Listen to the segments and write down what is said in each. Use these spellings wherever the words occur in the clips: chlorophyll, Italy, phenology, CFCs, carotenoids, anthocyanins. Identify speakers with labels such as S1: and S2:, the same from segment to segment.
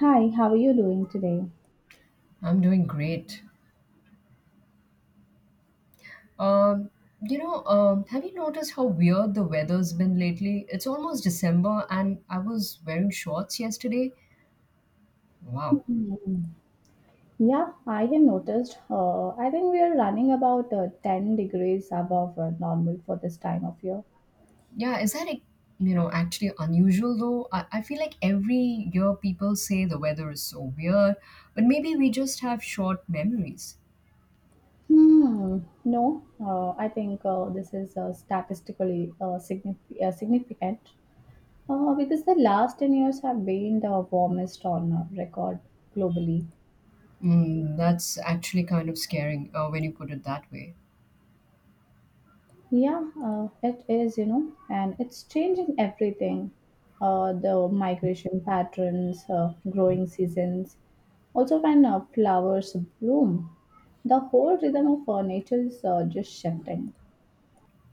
S1: Hi, how are you doing today?
S2: I'm doing great. Um, have you noticed how weird the weather's been lately? It's almost December, and I was wearing shorts yesterday. Wow.
S1: Mm. Yeah, I have noticed. I think we are running about 10 degrees above normal for this time of year.
S2: Yeah, is that like, actually unusual though? I feel like every year people say the weather is so weird, but maybe we just have short memories.
S1: Hmm. No, I think this is statistically significant because the last 10 years have been the warmest on record globally.
S2: Mm, that's actually kind of scaring when you put it that way.
S1: Yeah, it is, you know, and it's changing everything. The migration patterns, growing seasons, also when flowers bloom. The whole rhythm of nature is just shifting.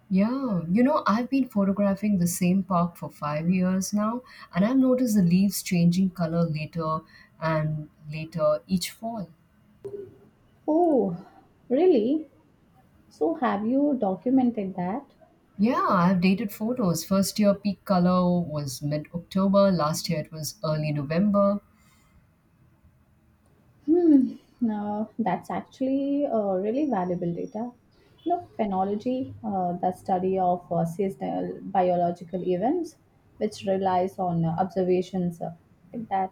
S2: Yeah, you know, I've been photographing the same park for 5 years now, and I've noticed the leaves changing color later and later each fall.
S1: Oh, really? So, have you documented that?
S2: Yeah, I've dated photos. First year peak color was mid October, last year it was early November.
S1: Hmm. Now that's actually really valuable data. You know, phenology, the study of seasonal biological events, which relies on observations like that.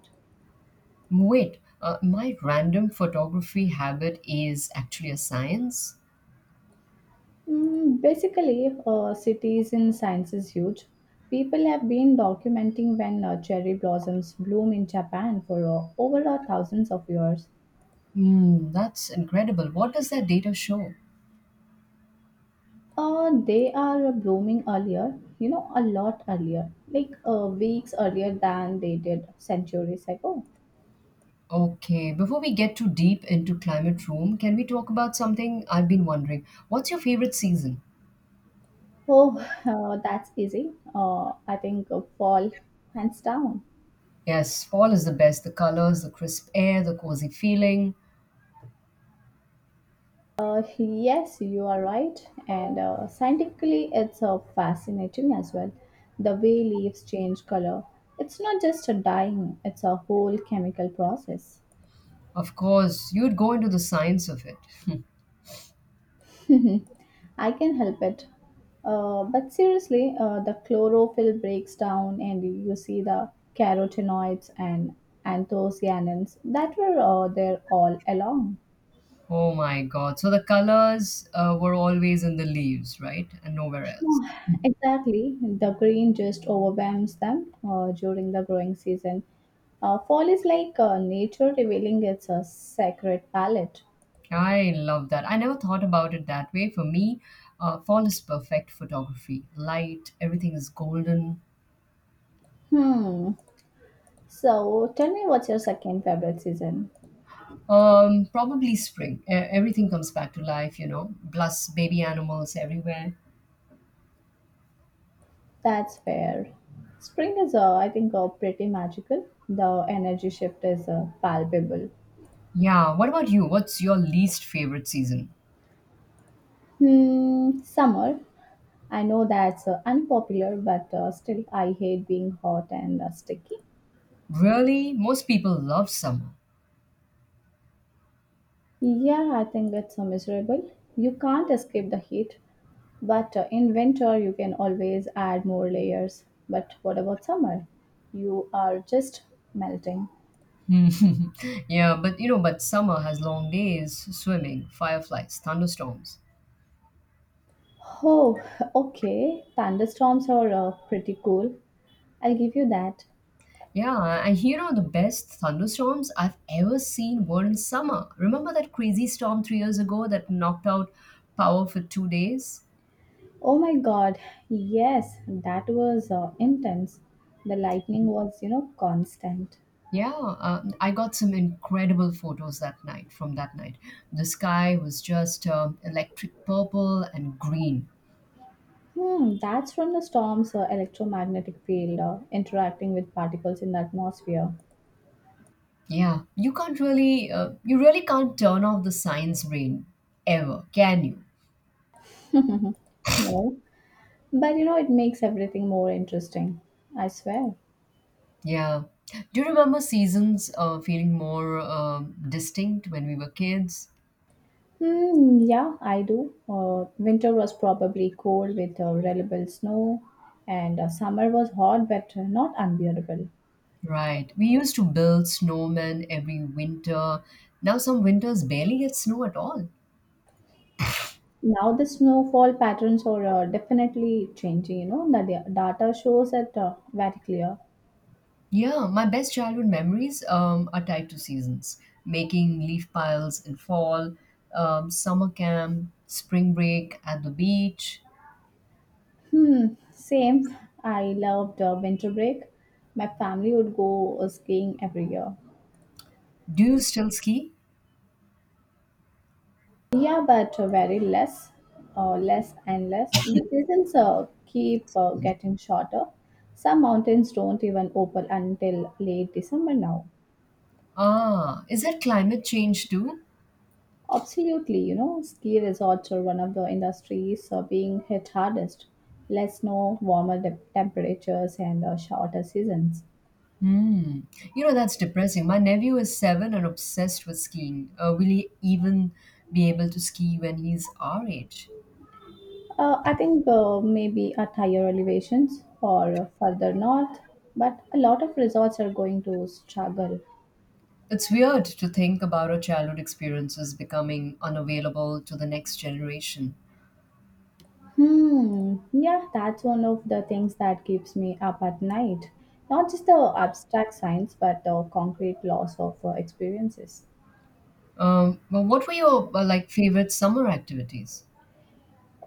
S2: Wait, my random photography habit is actually a science?
S1: Mm, basically, citizen science is huge. People have been documenting when cherry blossoms bloom in Japan for over a thousands of years.
S2: Hmm, that's incredible. What does that data show?
S1: They are blooming earlier, you know, a lot earlier, like weeks earlier than they did centuries ago.
S2: Okay, before we get too deep into climate room, can we talk about something I've been wondering? What's your favorite season?
S1: Oh, that's easy. I think fall, hands down.
S2: Yes, fall is the best. The colors, the crisp air, the cozy feeling.
S1: Yes, you are right. And scientifically, it's fascinating as well. The way leaves change color. It's not just a dyeing, it's a whole chemical process.
S2: Of course, you'd go into the science of it.
S1: Mhm. I can help it. But seriously, the chlorophyll breaks down, and you see the carotenoids and anthocyanins that were there all along.
S2: Oh my God. So the colors were always in the leaves, right? And nowhere else.
S1: Oh, exactly. The green just overwhelms them during the growing season. Fall is like nature revealing its sacred palette.
S2: I love that. I never thought about it that way. For me, fall is perfect photography. Light, everything is golden.
S1: Hmm. So tell me, what's your second favorite season?
S2: Probably spring. Everything comes back to life, you know. Plus, baby animals everywhere.
S1: That's fair. Spring is, I think, pretty magical. The energy shift is palpable.
S2: Yeah. What about you? What's your least favorite season?
S1: Hmm, summer. I know that's unpopular, but still, I hate being hot and sticky.
S2: Really, most people love summer.
S1: Yeah, I think it's miserable. You can't escape the heat, but in winter, you can always add more layers. But what about summer? You are just melting.
S2: Yeah, but summer has long days, swimming, fireflies, thunderstorms.
S1: Oh, okay. Thunderstorms are pretty cool. I'll give you that.
S2: Yeah, and you know the best thunderstorms I've ever seen were in summer. Remember that crazy storm 3 years ago that knocked out power for 2 days?
S1: Oh my god, yes, that was intense. The lightning was, you know, constant.
S2: Yeah, I got some incredible photos that night from that night. The sky was just electric purple and green.
S1: Hmm, that's from the storm's electromagnetic field interacting with particles in the atmosphere.
S2: Yeah, you really can't turn off the science brain ever, can you?
S1: No, but you know, it makes everything more interesting. I swear.
S2: Yeah. Do you remember seasons feeling more distinct when we were kids?
S1: Hmm, yeah, I do. Winter was probably cold with reliable snow, and summer was hot but not unbearable.
S2: Right. We used to build snowmen every winter. Now some winters barely get snow at all.
S1: Now the snowfall patterns are definitely changing, you know, the data shows it very clear.
S2: Yeah, my best childhood memories are tied to seasons, making leaf piles in fall, summer camp, spring break at the beach.
S1: Hmm, same. I loved winter break. My family would go skiing every year.
S2: Do you still ski?
S1: Yeah, but very less, less and less. The seasons keep getting shorter. Some mountains don't even open until late December now.
S2: Ah, is that climate change too?
S1: Absolutely, you know, ski resorts are one of the industries being hit hardest. Less snow, warmer temperatures, and shorter seasons.
S2: Hmm. You know, that's depressing. My nephew is seven and obsessed with skiing. Will he even be able to ski when he's our age?
S1: I think maybe at higher elevations or further north, but a lot of resorts are going to struggle.
S2: It's weird to think about our childhood experiences becoming unavailable to the next generation.
S1: Hmm, yeah, that's one of the things that keeps me up at night. Not just the abstract science, but the concrete loss of experiences.
S2: Well, what were your favorite summer activities?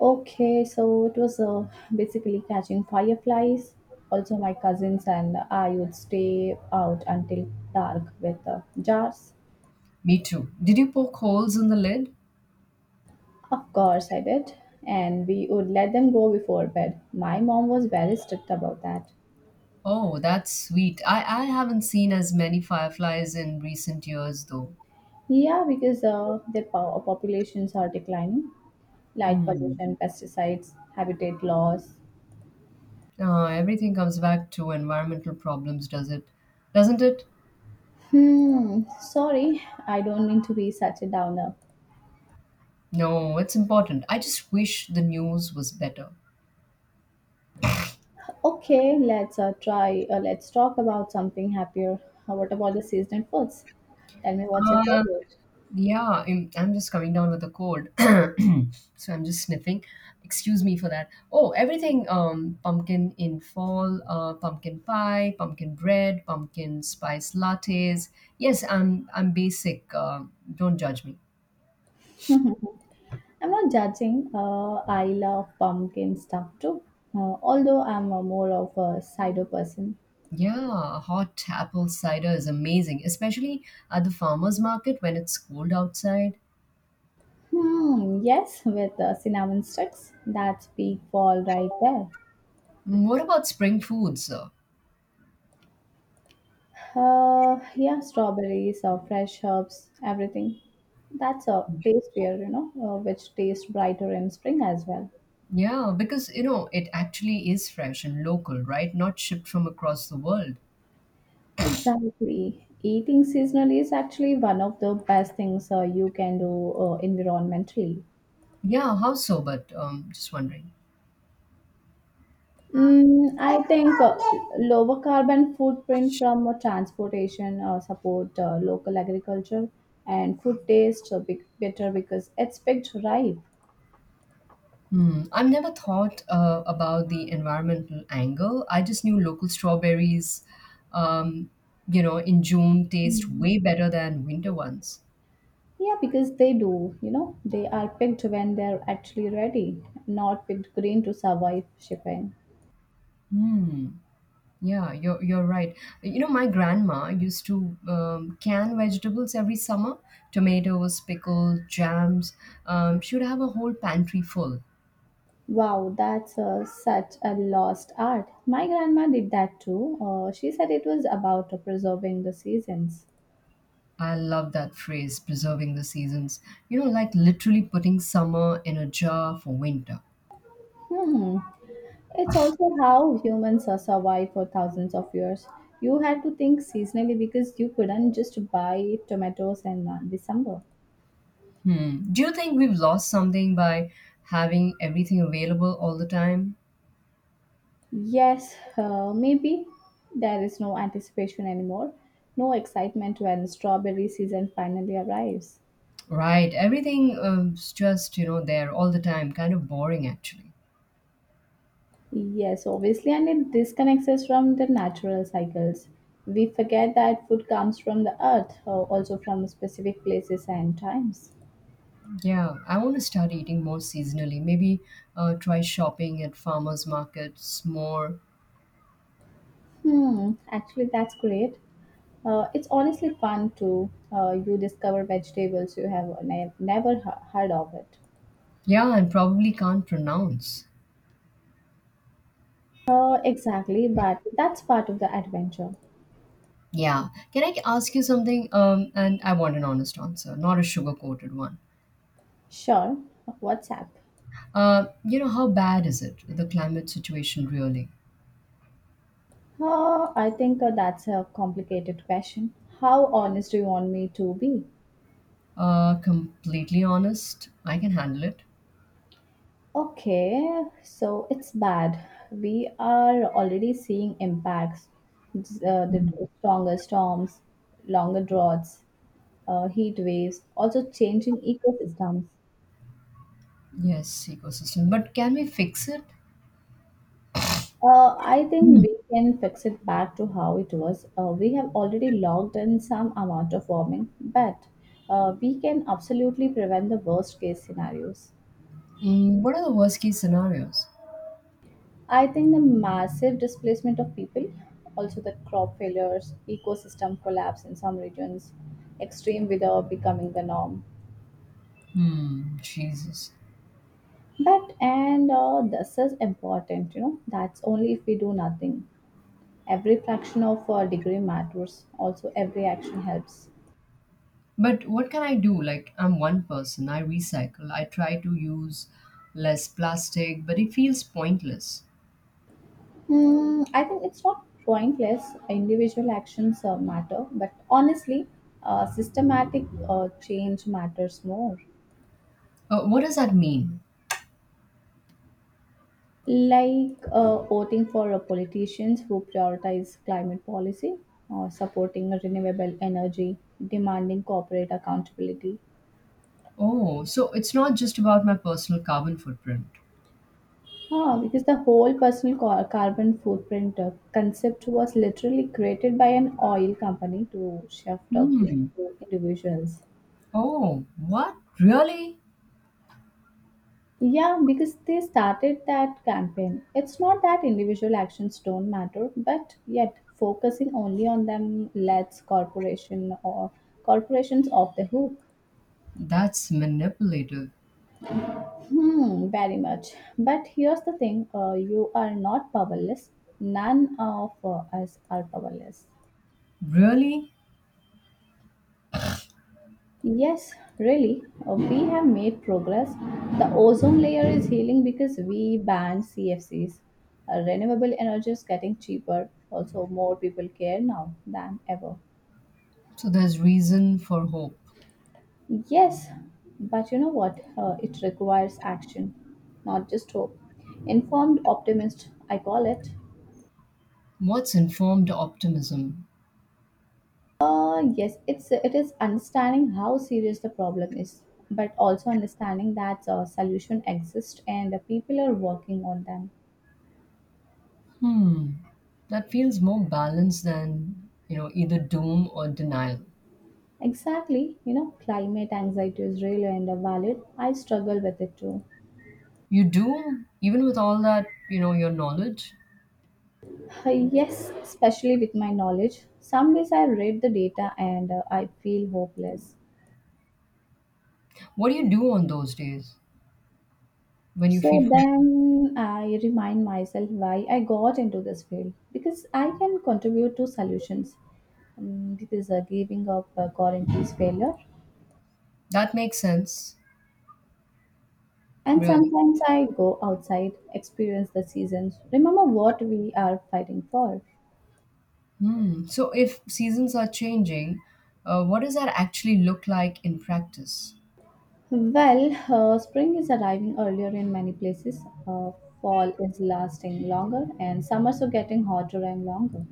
S1: Okay, so it was basically catching fireflies. Also, my cousins and I would stay out until dark with jars.
S2: Me too. Did you poke holes in the lid?
S1: Of course I did. And we would let them go before bed. My mom was very strict about that.
S2: Oh, that's sweet. I haven't seen as many fireflies in recent years though.
S1: Yeah, because their populations are declining. Light
S2: Hmm.
S1: pollution, pesticides, habitat loss.
S2: Everything comes back to environmental problems, does it? Doesn't it?
S1: Hmm, sorry, I don't mean to be such a downer.
S2: No, it's important. I just wish the news was better.
S1: Okay, let's try. Let's talk about something happier. What about the seasonal foods? Tell me, what's your
S2: Uh,
S1: favorite?
S2: Yeah, I'm just coming down with a cold. So I'm just sniffing. Excuse me for that. Oh, everything pumpkin in fall, pumpkin pie, pumpkin bread, pumpkin spice lattes. Yes, I'm basic. Don't judge me.
S1: I'm not judging. I love pumpkin stuff too. Although I'm a more of a cider person.
S2: Yeah, hot apple cider is amazing, especially at the farmer's market when it's cold outside.
S1: Hmm. Yes, with cinnamon sticks. That's peak fall right there.
S2: Mm, what about spring foods?
S1: Yeah, strawberries or fresh herbs, everything. That's a tastier, you know, which tastes brighter in spring as well.
S2: Yeah, because you know, it actually is fresh and local, right? Not shipped from across the world.
S1: Exactly. Eating seasonally is actually one of the best things you can do environmentally.
S2: Yeah, how so? But just wondering.
S1: Mm, I think lower carbon footprint from transportation support local agriculture and food tastes better because it's picked ripe.
S2: Hmm. I've never thought about the environmental angle. I just knew local strawberries, um, in June taste
S1: Mm.
S2: way better than winter ones.
S1: Yeah, because they do, you know, they are picked when they're actually ready, not picked green to survive shipping.
S2: Hmm. Yeah, you're right. You know, my grandma used to can vegetables every summer, tomatoes, pickles, jams. She would have a whole pantry full.
S1: Wow, that's such a lost art. My grandma did that too. She said it was about preserving the seasons.
S2: I love that phrase, preserving the seasons. You know, like literally putting summer in a jar for winter.
S1: Hmm. It's also how humans survived for thousands of years. You had to think seasonally because you couldn't just buy tomatoes in December.
S2: Hmm. Do you think we've lost something by having everything available all the time?
S1: Yes, maybe there is no anticipation anymore, no excitement when strawberry season finally arrives.
S2: Right. Everything is just, you know, there all the time. Kind of boring, actually.
S1: Yes, obviously, and it disconnects us from the natural cycles. We forget that food comes from the earth, also from specific places and times.
S2: Yeah. I want to start eating more seasonally. Maybe try shopping at farmers markets more.
S1: Hmm, actually, that's great. It's honestly fun too. You discover vegetables you have never heard of it.
S2: Yeah, and probably can't pronounce.
S1: Exactly, but that's part of the adventure.
S2: Yeah. Can I ask you something? And I want an honest answer, not a sugar coated one.
S1: Sure, WhatsApp. Up?
S2: How bad is it, the climate situation really?
S1: I think that's a complicated question. How honest do you want me to be?
S2: Completely honest, I can handle it.
S1: Okay, so it's bad. We are already seeing impacts. The stronger storms, longer droughts, heat waves, also changing ecosystems.
S2: Yes, ecosystem. But can we fix it?
S1: I think
S2: Hmm.
S1: we can fix it back to how it was. We have already logged in some amount of warming, but we can absolutely prevent the worst case scenarios.
S2: Mm, what are the worst case scenarios?
S1: I think the massive displacement of people, also the crop failures, ecosystem collapse in some regions, extreme weather becoming the norm.
S2: Hmm, Jesus.
S1: But and this is important, you know. That's only if we do nothing. Every fraction of a degree matters. Also, every action helps.
S2: But what can I do? Like, I'm one person, I recycle, I try to use less plastic, but it feels pointless.
S1: Hmm, I think it's not pointless. Individual actions matter, but honestly, systematic change matters more.
S2: What does that mean?
S1: Like voting for a politicians who prioritize climate policy or supporting renewable energy, demanding corporate accountability.
S2: Oh, so it's not just about my personal carbon footprint.
S1: Ah, because the whole personal carbon footprint concept was literally created by an oil company to shift the blame
S2: Hmm.
S1: to individuals.
S2: Oh, what? Really?
S1: Yeah, because they started that campaign. It's not that individual actions don't matter, but yet focusing only on them lets corporations off the hook.
S2: That's manipulative.
S1: Hmm, very much. But here's the thing: you are not powerless. None of us are powerless.
S2: Really?
S1: Yes, really, we have made progress. The ozone layer is healing because we banned CFCs. Renewable energy is getting cheaper. Also, more people care now than ever.
S2: So there's reason for hope.
S1: Yes, but you know what? It requires action, not just hope. Informed optimist, I call it.
S2: What's informed optimism?
S1: Yes, it is understanding how serious the problem is, but also understanding that a solution exists and the people are working on them.
S2: Hmm. That feels more balanced than, you know, either doom or denial.
S1: Exactly, you know, climate anxiety is real and valid. I struggle with it too.
S2: You do, even with all that, you know, your knowledge.
S1: Yes, especially with my knowledge. Some days I read the data and I feel hopeless.
S2: What do you do on those days when you
S1: So
S2: feel
S1: then I remind myself why I got into this field because I can contribute to solutions. Because giving up guarantees failure.
S2: that makes sense?
S1: And
S2: Really?
S1: sometimes I go outside, experience the seasons, remember what we are fighting for.
S2: Hmm. So if seasons are changing, what does that actually look like in practice?
S1: Well, spring is arriving earlier in many places. Uh, Fall is lasting longer, and summers are getting hotter and longer.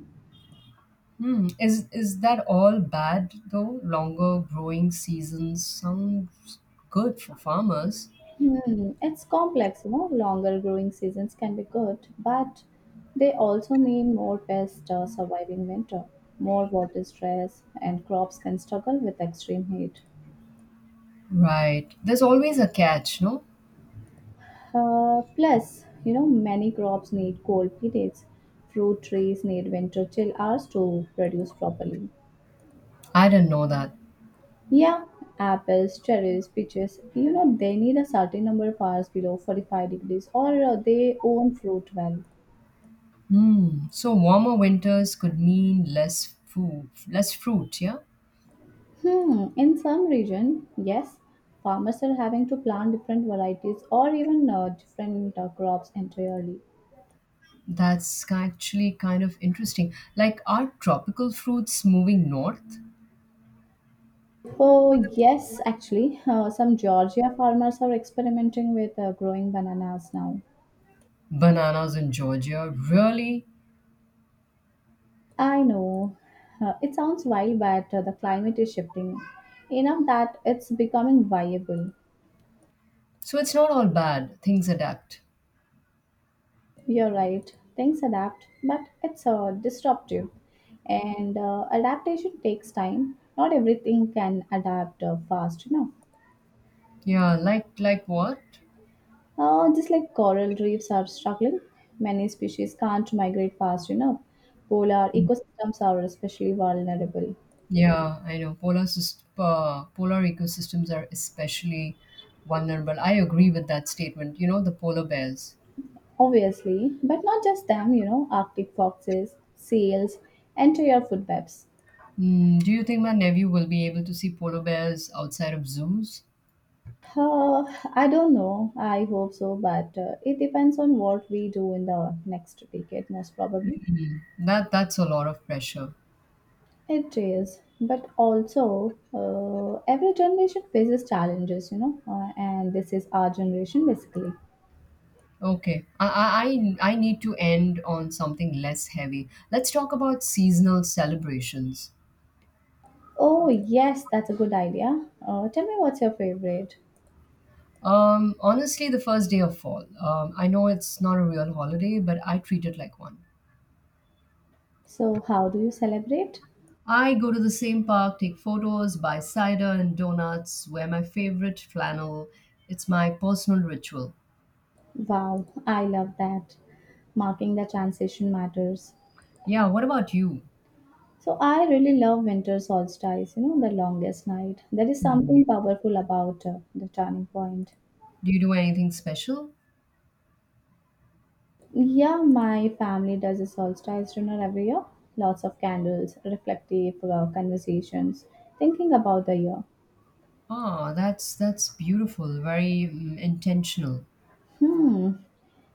S2: Hmm. Is that all bad though? Longer growing seasons sounds good for farmers.
S1: Hmm, it's complex, you know. Longer growing seasons can be good, but they also mean more pests surviving winter, more water stress, and crops can struggle with extreme heat.
S2: Right. There's always a catch, no?
S1: Plus, you know, many crops need cold periods. Fruit trees need winter chill hours to produce properly.
S2: I didn't know that.
S1: Yeah, apples, cherries, peaches, you know, they need a certain number of hours below 45 degrees or they not fruit well.
S2: Hmm. So warmer winters could mean less food, less fruit, yeah?
S1: Hmm, in some region, yes, farmers are having to plant different varieties or even different crops entirely.
S2: Actually kind of interesting. Are tropical fruits moving north?
S1: Oh, yes, actually, some Georgia farmers are experimenting with growing bananas now.
S2: Bananas in Georgia, really?
S1: I know. It sounds wild, but the climate is shifting enough that it's becoming viable.
S2: So it's not all bad. Things adapt.
S1: You're right. Things adapt, but it's disruptive. And adaptation takes time. Not everything can adapt fast enough.
S2: Yeah, like what?
S1: Just like coral reefs are struggling, many species can't migrate fast enough. Polar ecosystems are especially vulnerable.
S2: Yeah, I know. Polar ecosystems are especially vulnerable. I agree with that statement. You know, the polar bears.
S1: Obviously, but not just them, you know, Arctic foxes, seals, enter your food webs.
S2: Mm, do you think my nephew will be able to see polar bears outside of zoos?
S1: Uh, I don't know. I hope so, but it depends on what we do in the next decade, most probably.
S2: That's a lot of pressure.
S1: It is, but also every generation faces challenges, you know, and this is our generation basically.
S2: Okay, I need to end on something less heavy. Let's talk about seasonal celebrations.
S1: Oh, yes, that's a good idea. Tell me, what's your favorite?
S2: Honestly, the first day of fall. I know it's not a real holiday, but I treat it like one.
S1: So, how do you celebrate?
S2: I go to the same park, take photos, buy cider and donuts, wear my favorite flannel. It's my personal ritual.
S1: Wow, I love that. Marking the transition matters.
S2: Yeah, what about you?
S1: So I really love winter solstice, you know, the longest night. There is
S2: Mm.
S1: something powerful about the turning point.
S2: Do you do anything special?
S1: Yeah, my family does a solstice dinner every year. Lots of candles, reflective conversations, thinking about the year.
S2: Ah, that's beautiful, very intentional.
S1: Hmm.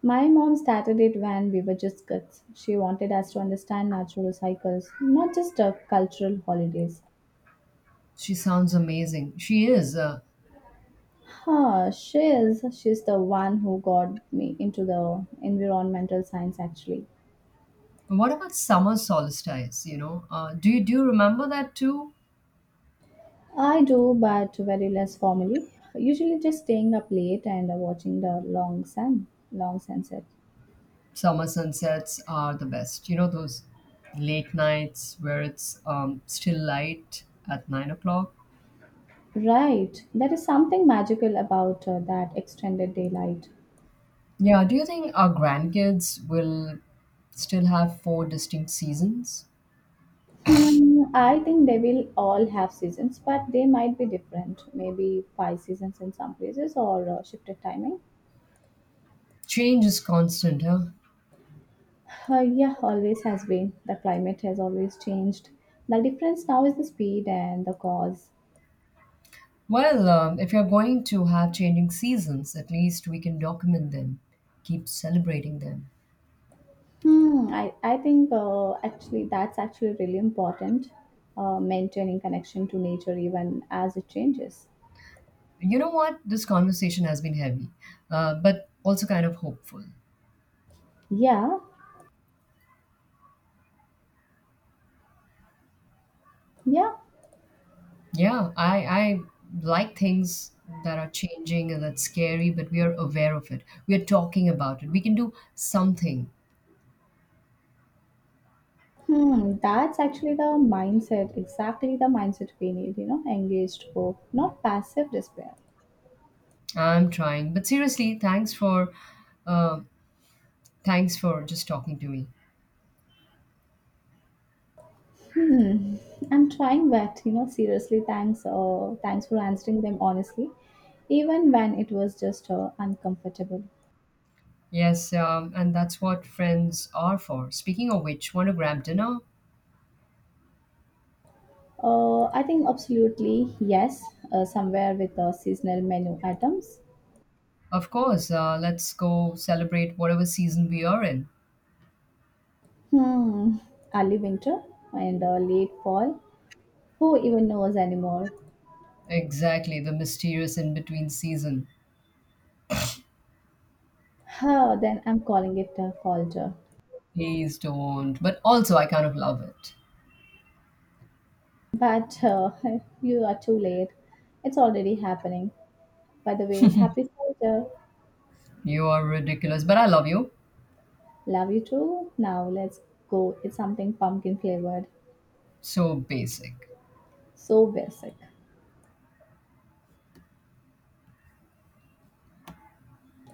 S1: My mom started it when we were just kids. She wanted us to understand natural cycles, not just cultural holidays.
S2: She sounds amazing. She is.
S1: Huh, she is. She's the one who got me into the environmental science actually.
S2: What about summer solstice? You know, do you remember that too?
S1: I do, but very less formally. Usually just staying up late and watching the long sunset.
S2: Summer sunsets are the best. You know those late nights where it's still light at 9 o'clock.
S1: Right. There is something magical about that extended daylight.
S2: Yeah, do you think our grandkids will still have four distinct seasons?
S1: Hmm, I think they will all have seasons, but they might be different. Maybe five seasons in some places or shifted timing.
S2: Change is constant, huh?
S1: Yeah, always has been. The climate has always changed. The difference now is the speed and the cause.
S2: Well, if you're going to have changing seasons, at least we can document them, keep celebrating them.
S1: Hmm, I think actually that's actually really important, maintaining connection to nature even as it changes.
S2: You know what? This conversation has been heavy, but also kind of hopeful.
S1: Yeah, yeah.
S2: Yeah, I like things that are changing and that's scary, but we are aware of it. We are talking about it. We can do something.
S1: Hmm, that's actually the mindset, exactly the mindset we need, you know, engaged hope, not passive despair.
S2: I'm trying. But seriously, thanks for. Uh, Thanks for just talking to me.
S1: Hmm, I'm trying that, you know, seriously, thanks, thanks for answering them honestly, even when it was just uncomfortable.
S2: Yes, and that's what friends are for. Speaking of which, want to grab dinner?
S1: I think absolutely yes, somewhere with the seasonal menu items.
S2: Of course, let's go celebrate whatever season we are in.
S1: Hmm, early winter and late fall. Who even knows anymore?
S2: Exactly, the mysterious in between season.
S1: Huh, then I'm calling it a falter.
S2: Please don't. But also, I kind of love it.
S1: But you are too late. It's already happening. By the way, happy falter.
S2: You are ridiculous, but I love you.
S1: Love you too. Now let's go. It's something pumpkin flavored.
S2: So basic.
S1: So basic.